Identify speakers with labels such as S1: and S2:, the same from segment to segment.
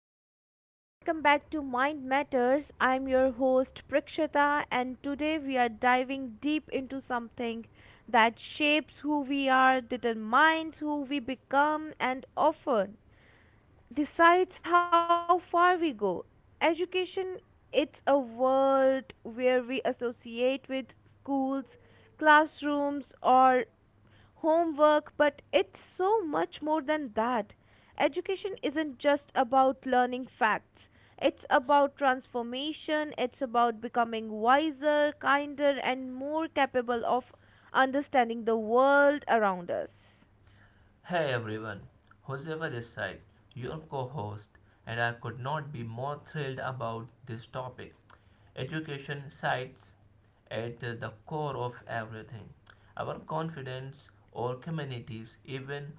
S1: everyone, and welcome back to Mind Matters. I'm your host Prakshita, and today we are diving deep into something that shapes who we are, determines who we become, and often decides how far we go. Education, it's a world where we associate with schools, classrooms, or homework, but it's so much more than that. Education isn't just about learning facts, it's about transformation, it's about becoming wiser, kinder, and more capable of understanding the world around us.
S2: Hey everyone, Joseva this side, your co host, and I could not be more thrilled about this topic. Education sites at the core of everything our confidence, our communities, even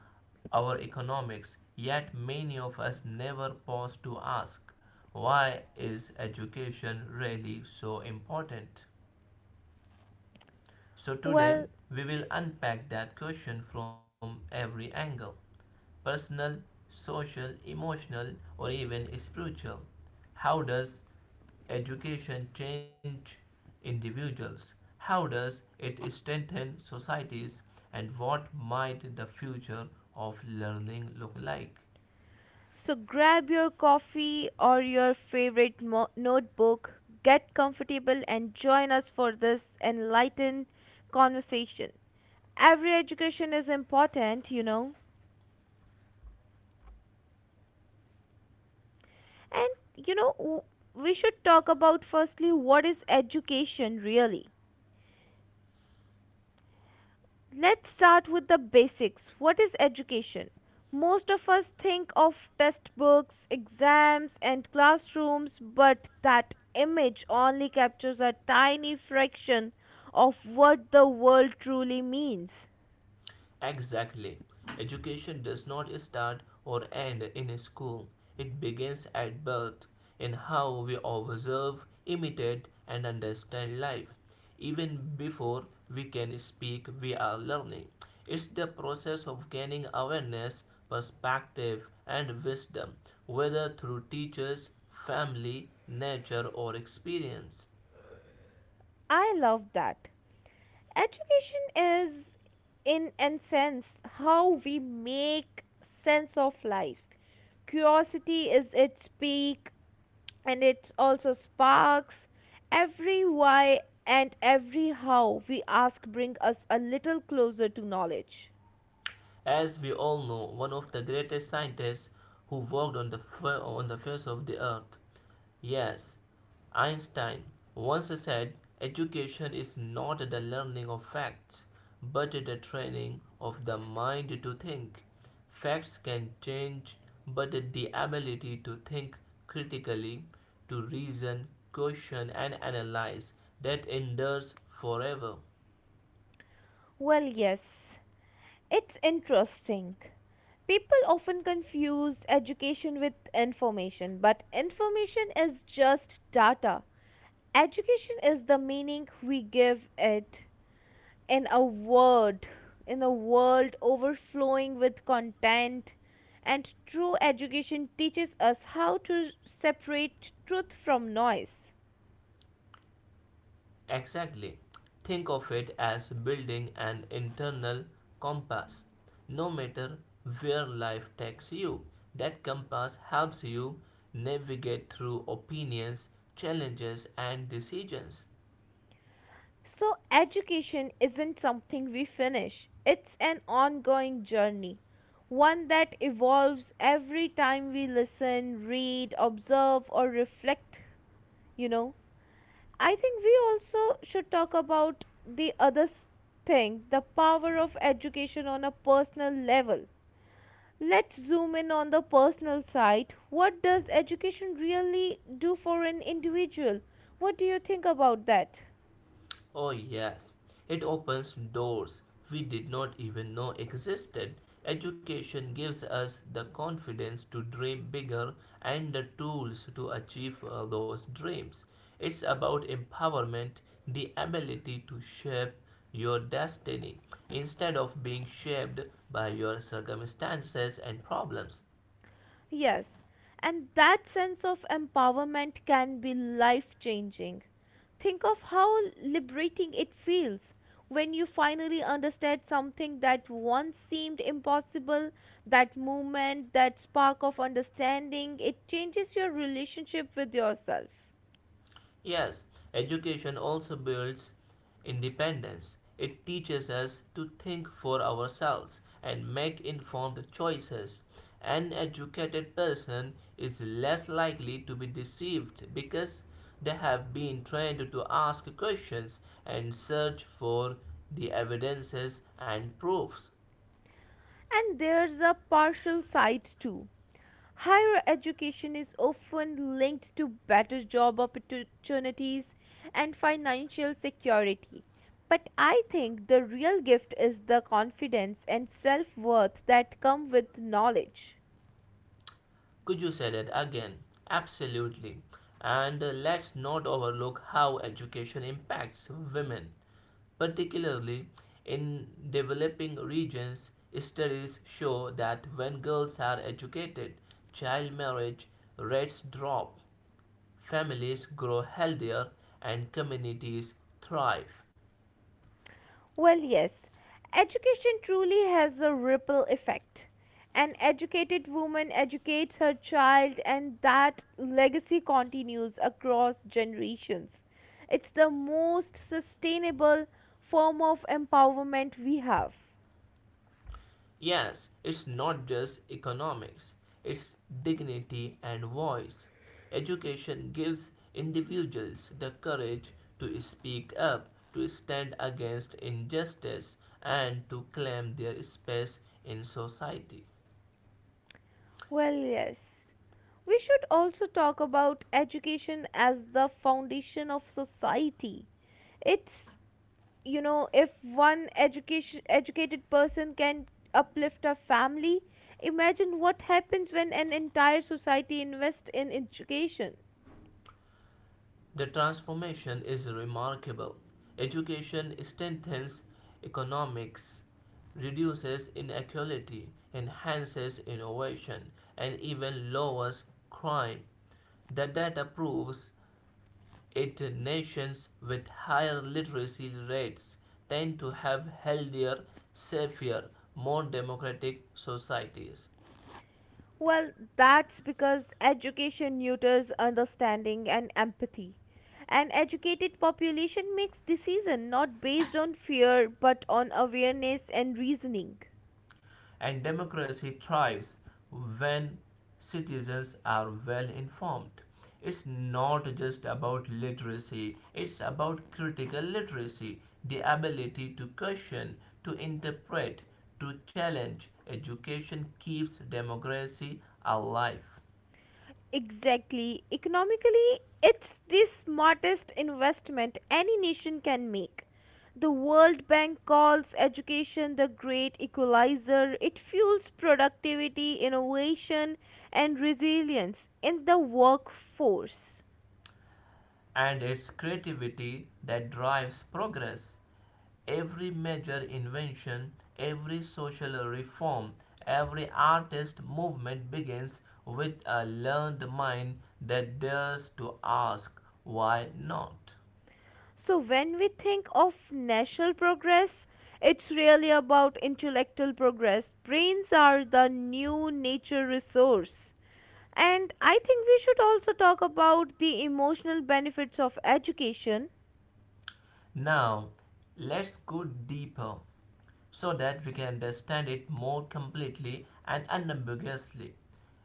S2: our economics. Yet many of us never pause to ask why is education really so important? So today
S1: Well,
S2: we will unpack that question from every angle personal, social, emotional, or even spiritual. How does education change individuals? How does it strengthen societies? And what might the future of learning look like?
S1: so grab your coffee or your favorite notebook, get comfortable, and join us for this enlightened conversation. Every education is important, And you know, w- We should talk about firstly, what is education really? Let's start with the basics. What is education? Most of us think of textbooks, exams, and classrooms, but that image only captures a tiny fraction of what the world truly means.
S2: Exactly. Education does not start or end in school. It begins at birth, in how we observe, imitate, and understand life. Even before we can speak, we are learning. It's the process of gaining awareness, perspective, and wisdom, whether through teachers, family, nature, or experience.
S1: I love that. Education is, in a sense, how we make sense of life. Curiosity is its peak, and it also sparks every why and every how we ask bring us a little closer to knowledge.
S2: As we all know, one of the greatest scientists who worked on the face of the earth. Yes, Einstein once said education is not the learning of facts, but the training of the mind to think. Facts can change, but the ability to think critically, to reason, question, and analyze that endures forever.
S1: Well, yes, it's interesting. People often confuse education with information, but information is just data. Education is the meaning we give it. in a word, in a world overflowing with content, and true education teaches us how to separate truth from noise.
S2: Exactly. Think of it as building an internal compass. No matter where life takes you, that compass helps you navigate through opinions, challenges, and decisions.
S1: So, education isn't something we finish, it's an ongoing journey, one that evolves every time we listen, read, observe, or reflect, you know. I think we also should talk about the other thing, the power of education on a personal level. Let's zoom in on the personal side. What does education really do for an individual? What do you think about that?
S2: Oh, yes. It opens doors we did not even know existed. Education gives us the confidence to dream bigger and the tools to achieve those dreams. It's about empowerment, the ability to shape your destiny instead of being shaped by your circumstances and problems.
S1: Yes, and that sense of empowerment can be life changing. Think of how liberating it feels when you finally understand something that once seemed impossible. That moment, that spark of understanding, it changes your relationship with yourself.
S2: Yes, education also builds independence. It teaches us to think for ourselves and make informed choices. An educated person is less likely to be deceived because they have been trained to ask questions and search for the evidences and proofs.
S1: And there's a partial side too. Higher education is often linked to better job opportunities and financial security. But I think the real gift is the confidence and self worth that come with knowledge.
S2: Could you say that again? Absolutely. And let's not overlook how education impacts women, particularly in developing regions. Studies show that when girls are educated, child marriage rates drop, families grow healthier, and communities thrive.
S1: Well, yes, education truly has a ripple effect. An educated woman educates her child, and that legacy continues across generations. It's the most sustainable form of empowerment we have.
S2: Yes, it's not just economics, it's dignity and voice. Education gives individuals the courage to speak up, to stand against injustice, and to claim their space in society.
S1: Well, yes. We should also talk about education as the foundation of society. It's, you know, if one education educated person can uplift a family, imagine what happens when an entire society invests in education.
S2: The transformation is remarkable. Education strengthens economics, reduces inequality, enhances innovation, and even lowers crime. The data proves it nations with higher literacy rates tend to have healthier, safer, more democratic societies.
S1: Well, that's because education nurtures understanding and empathy. An educated population makes decision not based on fear but on awareness and reasoning.
S2: And democracy thrives when citizens are well informed. It's not just about literacy, it's about critical literacy, the ability to question, to interpret, to challenge. Education keeps democracy alive.
S1: Exactly. Economically, it's the smartest investment any nation can make. The World Bank calls education the great equalizer. It fuels productivity, innovation, and resilience in the workforce.
S2: And it's creativity that drives progress. Every major invention, every social reform, every artist movement begins with a learned mind that dares to ask, why not?
S1: So, when we think of national progress, it's really about intellectual progress. Brains are the new nature resource. And I think we should also talk about the emotional benefits of education.
S2: Now, let's go deeper so that we can understand it more completely and unambiguously.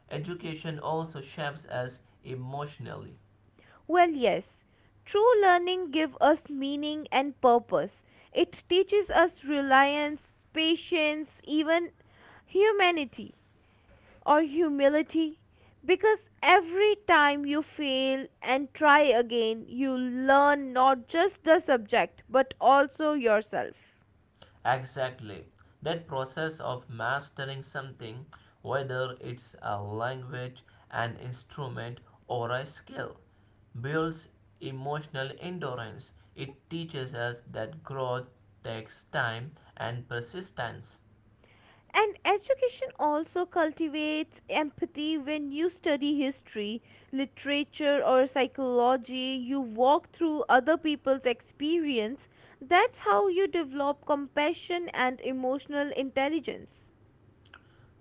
S2: Education also shapes us emotionally.
S1: Well, yes, true learning gives us meaning and purpose. It teaches us reliance, patience, even humanity or humility. Because every time you fail and try again, you learn not just the subject but also yourself.
S2: Exactly. That process of mastering something, whether it's a language, an instrument, or a skill, builds emotional endurance. It teaches us that growth takes time and persistence,
S1: And education also cultivates empathy when you study history, literature, or psychology. You walk through other people's experience. That's how you develop compassion and emotional intelligence.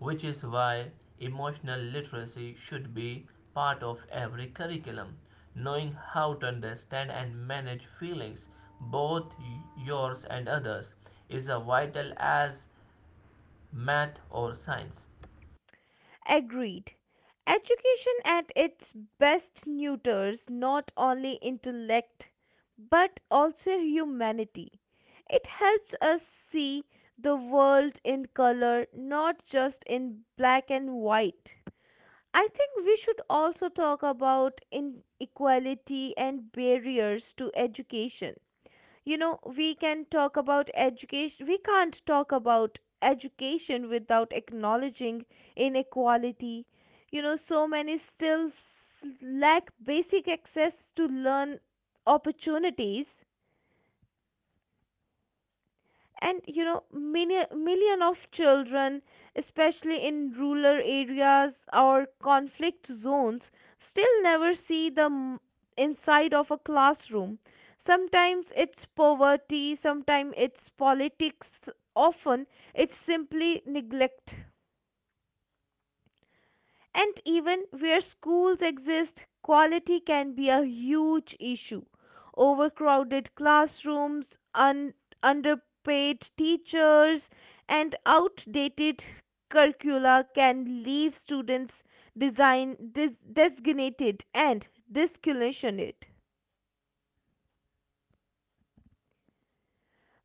S2: which is why emotional literacy should be part of every curriculum. Knowing how to understand and manage feelings, both yours and others, is a vital as math or science.
S1: Agreed. Education at its best neuters not only intellect but also humanity. It helps us see the world in color, not just in black and white. I think we should also talk about inequality and barriers to education. You know, we can talk about education, we can't talk about education without acknowledging inequality. You know, so many still lack basic access to learn opportunities. And you know, many million of children, especially in rural areas or conflict zones, still never see the inside of a classroom. Sometimes it's poverty, sometimes it's politics, often it's simply neglect. And even where schools exist, quality can be a huge issue. Overcrowded classrooms, underpaid teachers, and outdated curricula can leave students designated and discriminated.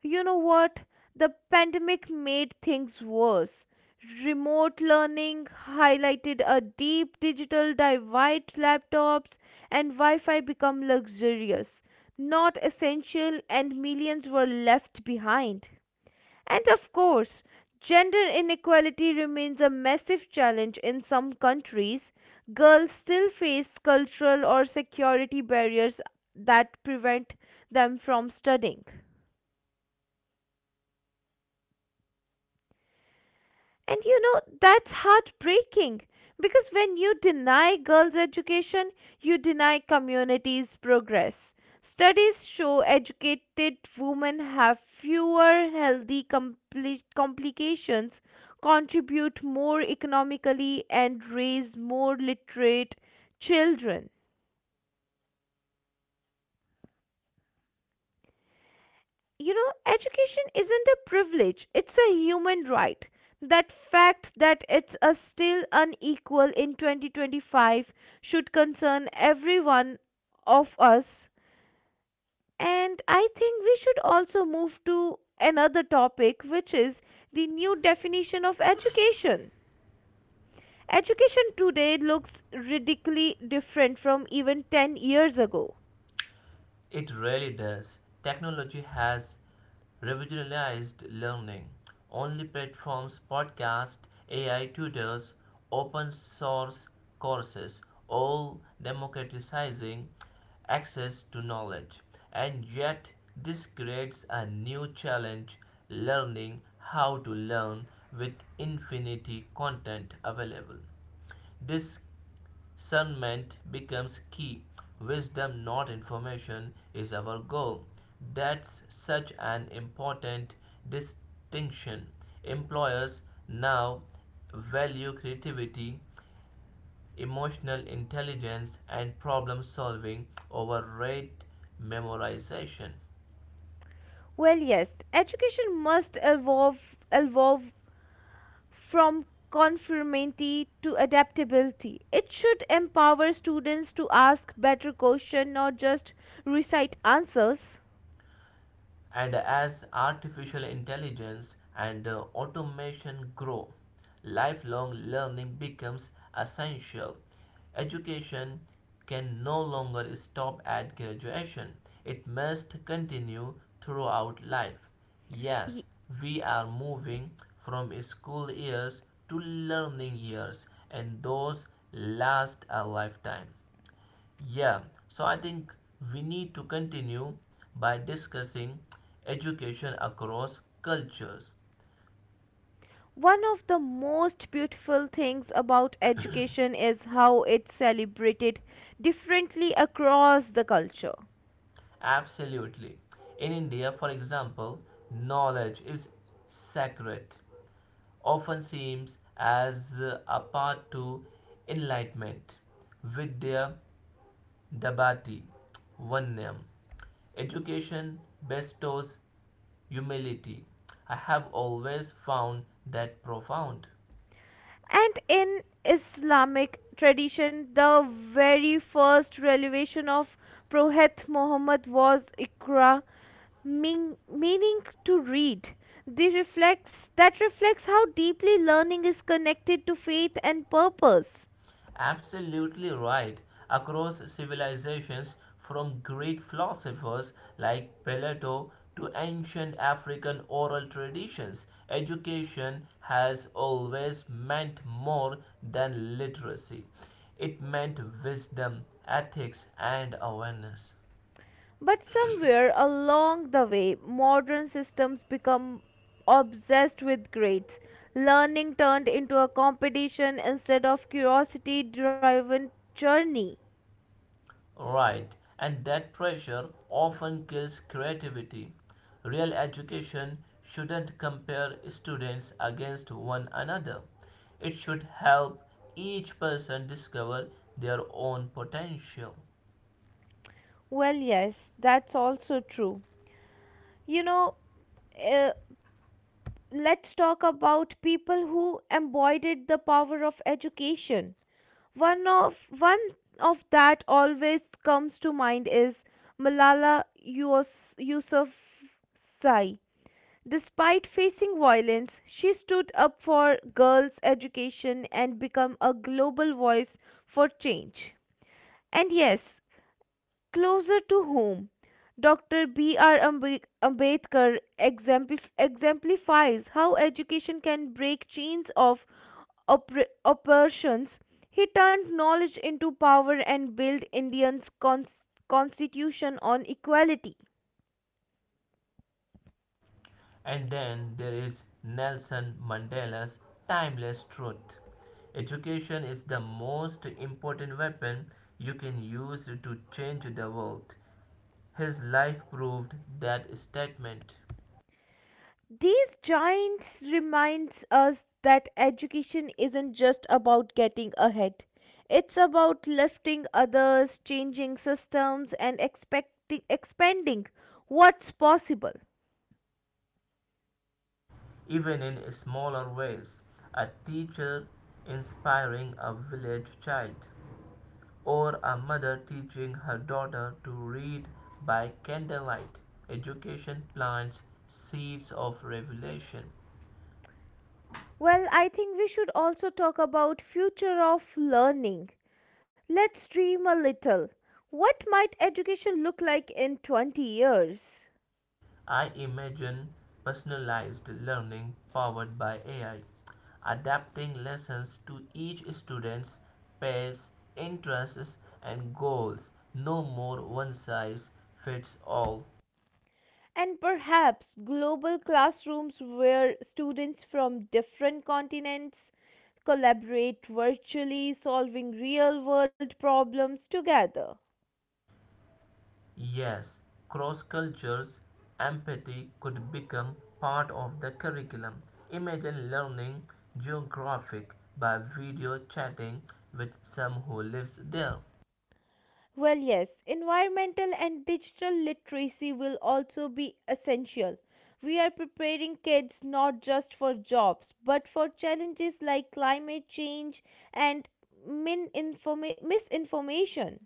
S1: You know what? The pandemic made things worse. Remote learning highlighted a deep digital divide. Laptops and Wi Fi become luxurious, not essential, and millions were left behind. And of course, gender inequality remains a massive challenge in some countries. Girls still face cultural or security barriers that prevent them from studying. And you know, that's heartbreaking because when you deny girls' education, you deny communities' progress. Studies show educated women have fewer healthy complications, contribute more economically, and raise more literate children. You know, education isn't a privilege, it's a human right. That fact that it's a still unequal in 2025 should concern everyone of us. And I think we should also move to another topic, which is the new definition of education. Education today looks radically different from even 10 years ago.
S2: It really does. Technology has revolutionized learning. Online platforms, podcasts, AI tutors, open source courses, all democratizing access to knowledge. And yet, this creates a new challenge learning how to learn with infinity content available. This discernment becomes key. Wisdom, not information, is our goal. That's such an important distinction. Employers now value creativity, emotional intelligence, and problem solving over rote memorization.
S1: Well, yes, education must evolve from conformity to adaptability. It should empower students to ask better questions, not just recite answers.
S2: And as artificial intelligence and automation grow, lifelong learning becomes essential. Education can no longer stop at graduation, it must continue throughout life. Yes,
S1: Ye-
S2: we are moving from school years to learning years, and those last a lifetime. Yeah, so I think we need to continue by discussing education across cultures.
S1: One of the most beautiful things about education is how it celebrated differently across the culture.
S2: Absolutely. In India, for example, knowledge is sacred, often seems as a path to enlightenment. Vidya Dabati Vanyam. Education bestows humility. I have always found that profound.
S1: And in Islamic tradition, the very first revelation of Prophet Muhammad was Iqra, meaning to read. That reflects how deeply learning is connected to faith and purpose.
S2: Absolutely right. Across civilizations, from Greek philosophers like Plato to ancient African oral traditions, education has always meant more than literacy. It meant wisdom, ethics, and awareness.
S1: But somewhere along the way, modern systems become obsessed with grades. Learning turned into a competition instead of curiosity driven journey.
S2: Right, and that pressure often kills creativity. Real education shouldn't compare students against one another. It should help each person discover their own potential.
S1: Well, yes, that's also true. You know, uh, let's talk about people who embodied the power of education. One of that always comes to mind is Malala Yousafzai. Despite facing violence, she stood up for girls' education and became a global voice for change. And yes, closer to home. Dr. B.R. Ambedkar exemplifies how education can break chains of oppressions. He turned knowledge into power and built Indians' constitution on equality.
S2: And then there is Nelson Mandela's timeless truth. Education is the most important weapon you can use to change the world. His life proved that statement.
S1: These giants reminds us that education isn't just about getting ahead. It's about lifting others, changing systems and expecting expanding what's possible.
S2: Even in smaller ways, a teacher inspiring a village child, or a mother teaching her daughter to read by candlelight, education plants seeds of revelation.
S1: Well, I think we should also talk about future of learning. Let's dream a little. What might education look like in 20 years?
S2: I imagine personalized learning powered by AI, adapting lessons to each student's pace, interests, and goals. No more one size fits all.
S1: And perhaps global classrooms where students from different continents collaborate virtually, solving real world problems together.
S2: Yes, cross cultures empathy could become part of the curriculum. Imagine learning geographic by video chatting with some who lives there.
S1: Well, yes, environmental and digital literacy will also be essential. We are preparing kids not just for jobs, but for challenges like climate change and misinformation.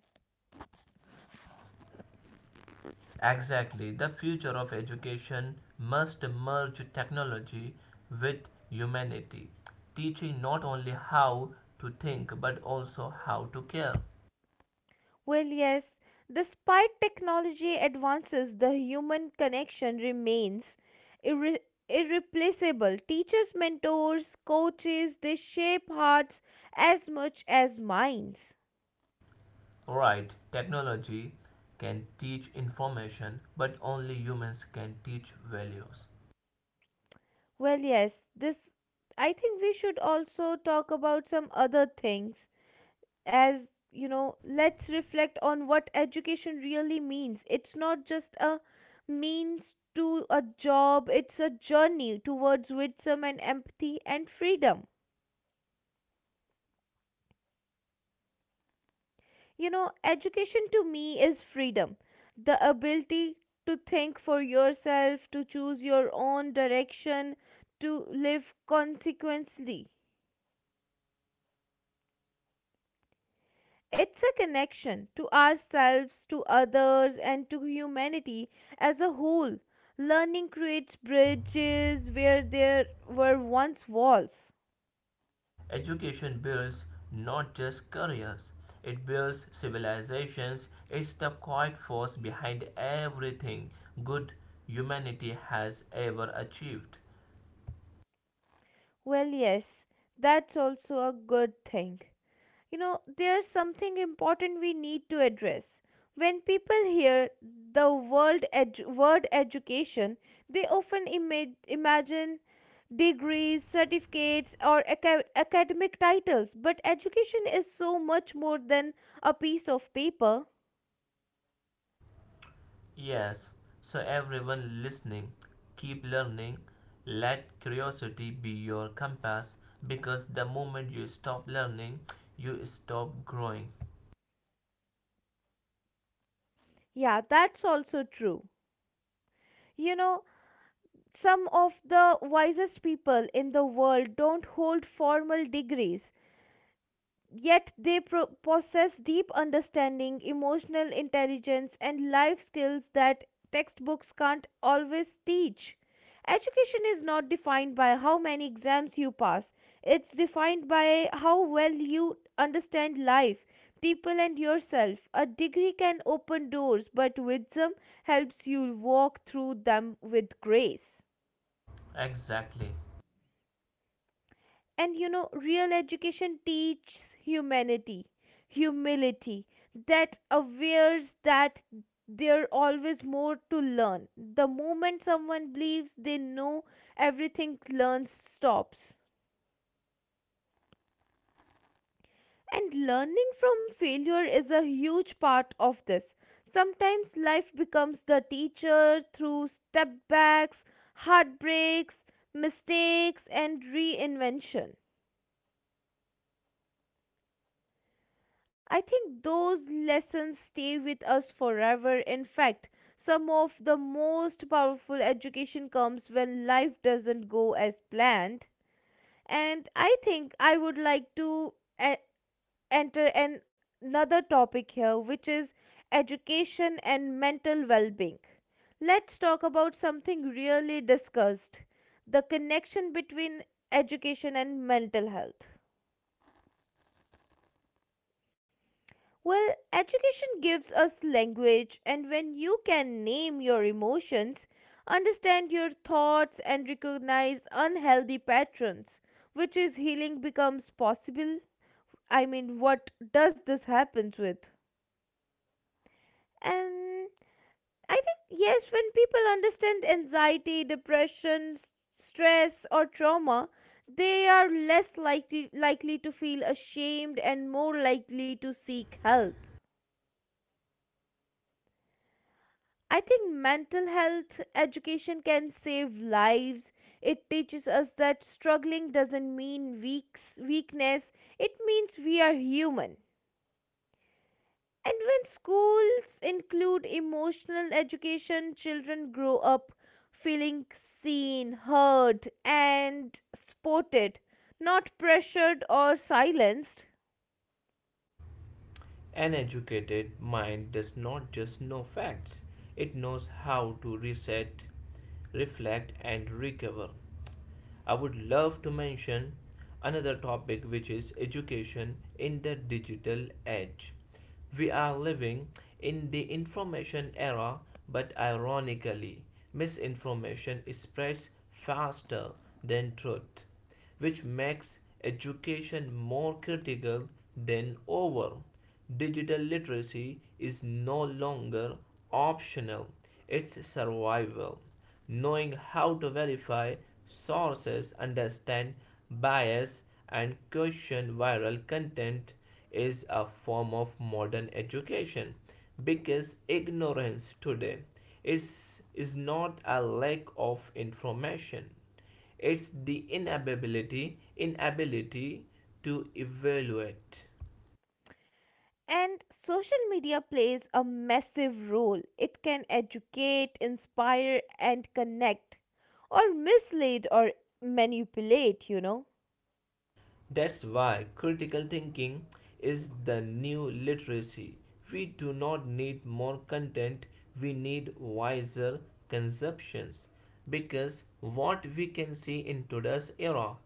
S2: Exactly, the future of education must merge technology with humanity, teaching not only how to think but also how to care.
S1: Well, yes, despite technology advances, the human connection remains irre- irreplaceable. Teachers, mentors, coaches, they shape hearts as much as minds.
S2: Right, technology can teach information, but only humans can teach values.
S1: Well, yes, this I think we should also talk about some other things. As you know, let's reflect on what education really means. It's not just a means to a job, it's a journey towards wisdom and empathy and freedom. You know, education to me is freedom, the ability to think for yourself, to choose your own direction, to live consequently. It's a connection to ourselves, to others, and to humanity as a whole. Learning creates bridges where there were once walls.
S2: Education builds not just careers, it builds civilizations. It's the quiet force behind everything good humanity has ever achieved.
S1: Well, yes, that's also a good thing. You know, there's something important we need to address. When people hear the word education, they often imagine degrees, certificates, or academic titles, but education is so much more than a piece of paper.
S2: Yes, so everyone listening, keep learning. Let curiosity be your compass because the moment you stop learning, you stop growing.
S1: Yeah, that's also true. You know, some of the wisest people in the world don't hold formal degrees. Yet they possess deep understanding, emotional intelligence, and life skills that textbooks can't always teach. Education is not defined by how many exams you pass, it's defined by how well you understand life, people, and yourself. A degree can open doors, but wisdom helps you walk through them with grace.
S2: Exactly.
S1: And you know, real education teaches humanity, humility, that awares that there always more to learn. The moment someone believes they know everything, learns stops. And learning from failure is a huge part of this. Sometimes life becomes the teacher through step backs, heartbreaks, mistakes, and reinvention. I think those lessons stay with us forever. In fact, some of the most powerful education comes when life doesn't go as planned. And I think I would like to e- enter another topic here, which is education and mental well being. Let's talk about something really discussed, the connection between education and mental health. Well, education gives us language, and when you can name your emotions, understand your thoughts, and recognize unhealthy patterns, which is healing becomes possible. I mean, what does this happens with? And I think, yes, when people understand anxiety, depression, stress, or trauma, they are likely to feel ashamed and more likely to seek help. I think mental health education can save lives. It teaches us that struggling doesn't mean weakness, it means we are human. And when schools include emotional education, children grow up feeling seen, heard, and supported, not pressured or silenced.
S2: An educated mind does not just know facts, it knows how to reset, reflect, and recover. I would love to mention another topic, which is education in the digital age. We are living in the information era, but ironically, misinformation spreads faster than truth which makes education more critical than ever. Digital literacy is no longer optional, it's survival. Knowing how to verify sources, understand bias, and question viral content is a form of modern education because ignorance today is not a lack of information it's the inability to evaluate.
S1: And social media plays a massive role. It can educate, inspire, and connect, or mislead or manipulate, you know.
S2: That's why critical thinking is the new literacy. We do not need more content, we need wiser consumptions. Because what we can see in today's era,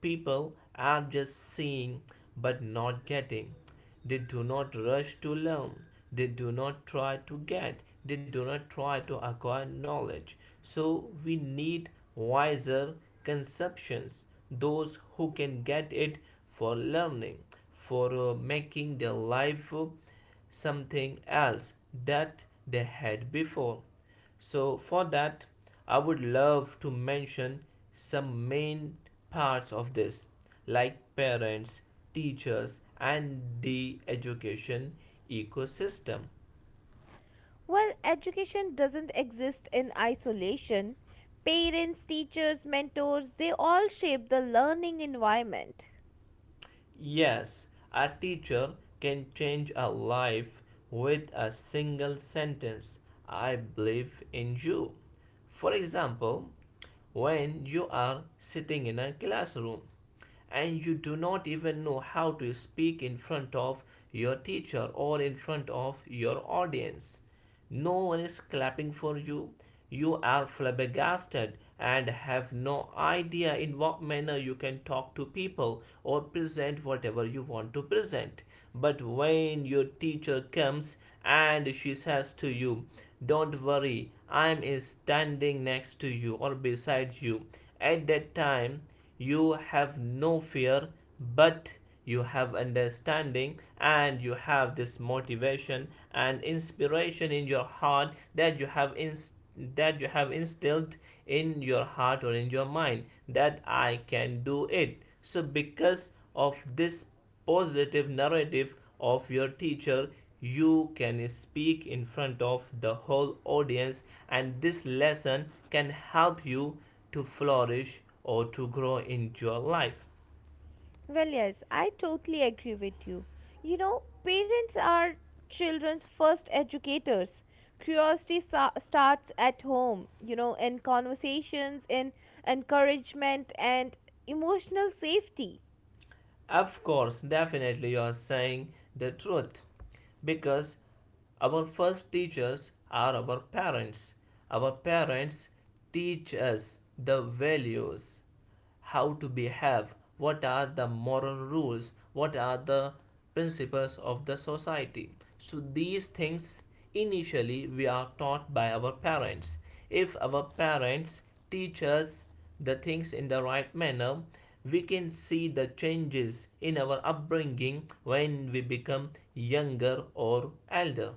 S2: people are just seeing but not getting. They do not rush to learn. They do not try to get. They do not try to acquire knowledge. So we need wiser conceptions, those who can get it for learning, for making their life something else that they had before. So for that, I would love to mention some main parts of this, like parents, teachers, and the education ecosystem.
S1: Well, education doesn't exist in isolation. Parents, teachers, mentors, they all shape the learning environment.
S2: Yes, a teacher can change a life with a single sentence I believe in you. For example, when you are sitting in a classroom and you do not even know how to speak in front of your teacher or in front of your audience. No one is clapping for you. You are flabbergasted and have no idea in what manner you can talk to people or present whatever you want to present. But when your teacher comes and she says to you, Don't worry, I am standing next to you or beside you, at that time you have no fear but you have understanding and you have this motivation and inspiration in your heart that you have that you have instilled in your heart or in your mind that I can do it. So because of this positive narrative of your teacher, you can speak in front of the whole audience and this lesson can help you to flourish or to grow in your life.
S1: Well, yes, I totally agree with you. You know, parents are children's first educators. Starts at home, you know, in conversations, in encouragement, and emotional safety.
S2: Of course, definitely you are saying the truth because our first teachers are our parents. Our parents teach us the values, how to behave, what are the moral rules, what are the principles of the society. So, these things initially we are taught by our parents. If our parents teach us the things in the right manner, we can see the changes in our upbringing when we become younger or elder.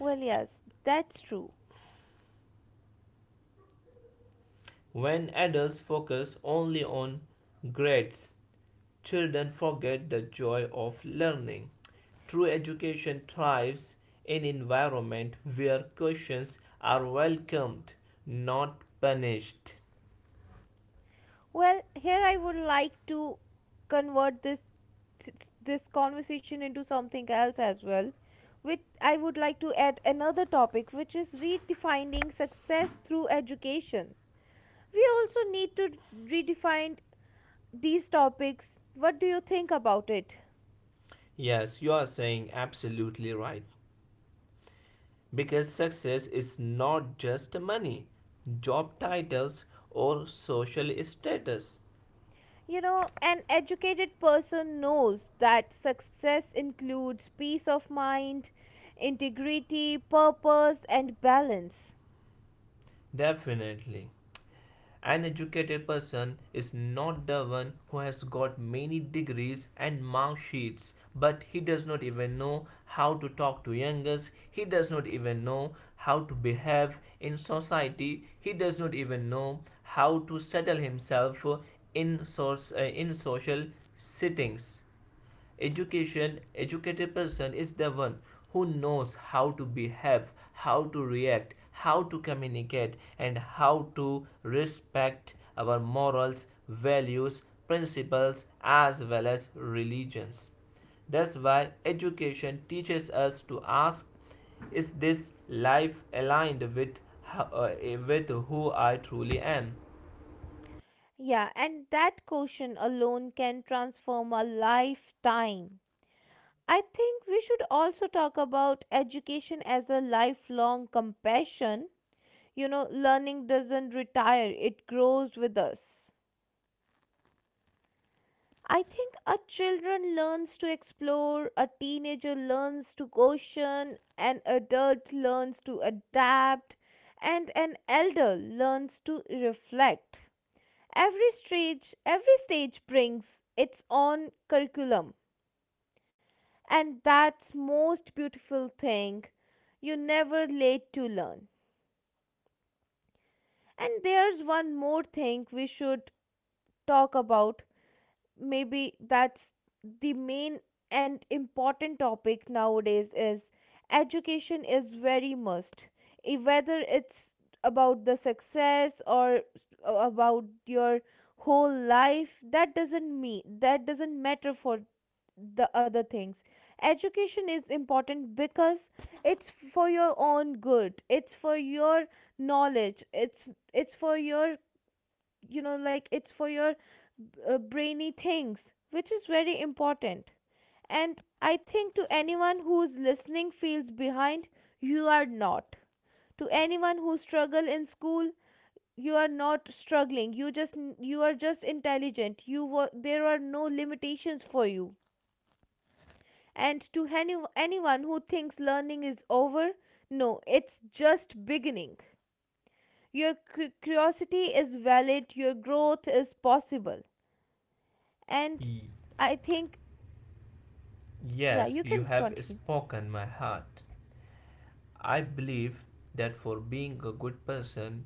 S1: Well, yes, that's true.
S2: When adults focus only on grades, children forget the joy of learning. True education thrives in an environment where questions are welcomed, not punished.
S1: Well, here I would like to convert this conversation into something else as well. With I would like to add another topic which is redefining success through education. We also need to redefine these topics. What do you think about it?
S2: Yes, you are saying absolutely right. Because success is not just money, job titles, or social status.
S1: You know, an educated person knows that success includes peace of mind, integrity, purpose, and balance.
S2: Definitely. An educated person is not the one who has got many degrees and mark sheets, but he does not even know how to talk to youngers, he does not even know how to behave in society, he does not even know how to settle himself in social settings. Education, educated person is the one who knows how to behave, how to react, how to communicate, and how to respect our morals, values, principles, as well as religions. That's why education teaches us to ask is this life aligned uh, with who I truly am?
S1: Yeah, and that quotient alone can transform a lifetime. I think we should also talk about education as a lifelong compassion. You know, learning doesn't retire, it grows with us. I think a children learns to explore, a teenager learns to caution, an adult learns to adapt, and an elder learns to reflect. Every stage brings its own curriculum, and that's most beautiful thing. You never late to learn. And there's one more thing we should talk about. Maybe that's the main and important topic nowadays is education is very must. Whether it's about the success or about your whole life, that doesn't mean, that doesn't matter for the other things. Education is important because it's for your own good, it's for your knowledge, it's for your, you know, like it's for your brainy things, which is very important. And I think, to anyone who's listening feels behind, you are not. To anyone who struggle in school, you are not struggling, you just, you are just intelligent. You were, there are no limitations for you. And to anyone who thinks learning is over, no, it's just beginning. Curiosity is valid, your growth is possible. And I think, yeah,
S2: Yes,
S1: you
S2: you
S1: can
S2: have
S1: continue.
S2: spoken my heart. I believe that for being a good person,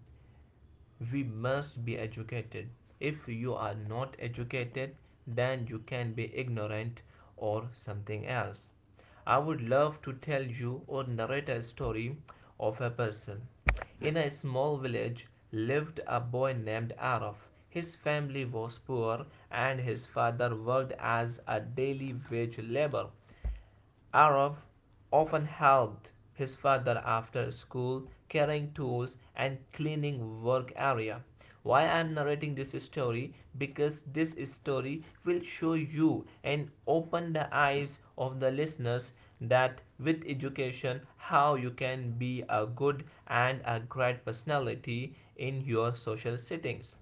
S2: we must be educated. If you are not educated, then you can be ignorant or something else. I would love to tell you or narrate a story of a person. In a small village lived a boy named Araf. His family was poor and his father worked as a daily wage laborer. Araf often helped his father after school, carrying tools and cleaning work area. Why I am narrating this story? Because this story will show you and open the eyes of the listeners that with education how you can be a good and a great personality in your social settings.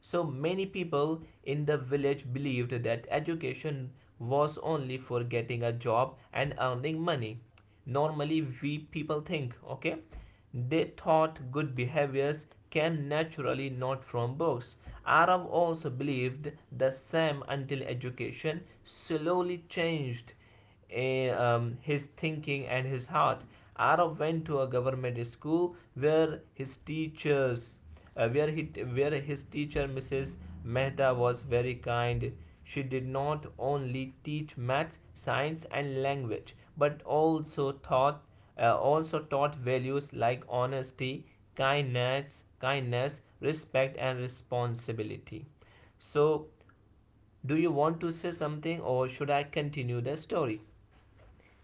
S2: So many people in the village believed that education was only for getting a job and earning money. Normally, we people think, okay, they thought good behaviors came naturally not from books. Arab also believed the same until education slowly changed a his thinking and his heart. Arav went to a government school where his teachers, where he, where his teacher Mrs. Mehta was very kind. She did not only teach maths, science, and language, but also taught values like honesty, kindness, respect, and responsibility. So, do you want to say something, or should I continue the story?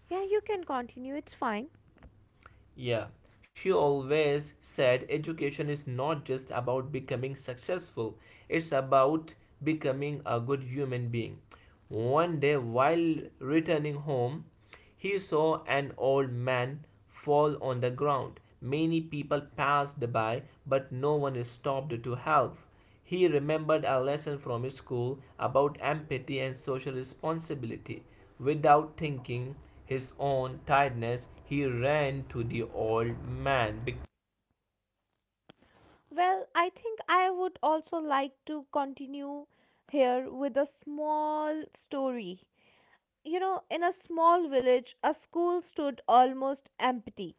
S1: Yeah, you can continue. It's fine.
S2: Yeah, she always said education is not just about becoming successful, it's about becoming a good human being. One day, while returning home, he saw an old man fall on the ground. Many people passed by, but no one stopped to help. He remembered a lesson from his school about empathy and social responsibility. Without thinking his own tiredness, he ran to the old man.
S1: Well, I think I would also like to continue here with a small story. You know, in a small village, a school stood almost empty.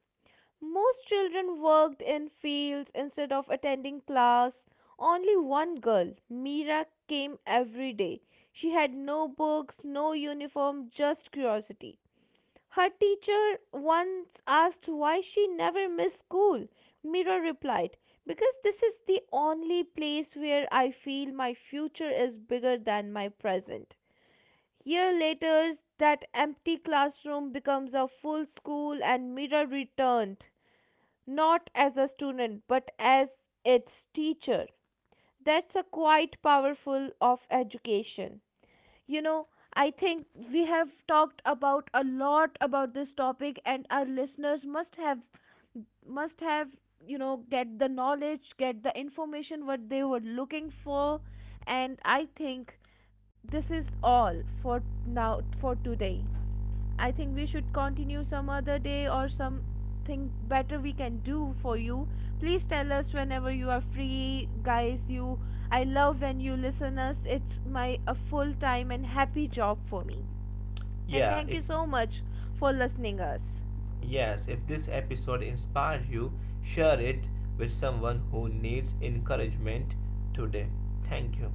S1: Most children worked in fields instead of attending class. Only one girl, Mira, came every day. She had no books, no uniform, just curiosity. Her teacher once asked why she never missed school. Mira replied, "Because this is the only place where I feel my future is bigger than my present." Year later, that empty classroom becomes a full school, and Mira returned, not as a student, but as its teacher. That's a quite powerful of education, you know. I think we have talked about a lot about this topic, and our listeners must have, must have, you know, get the knowledge, get the information what they were looking for. And I think this is all for now, for today. I think we should continue some other day, or something better we can do for you. Please tell us whenever you are free, guys. You, I love when you listen us. It's my a full-time and happy job for me. And
S2: Yeah.
S1: thank you
S2: if
S1: so much for listening us.
S2: yes, if this episode inspired you, share it with someone who needs encouragement today. Thank you.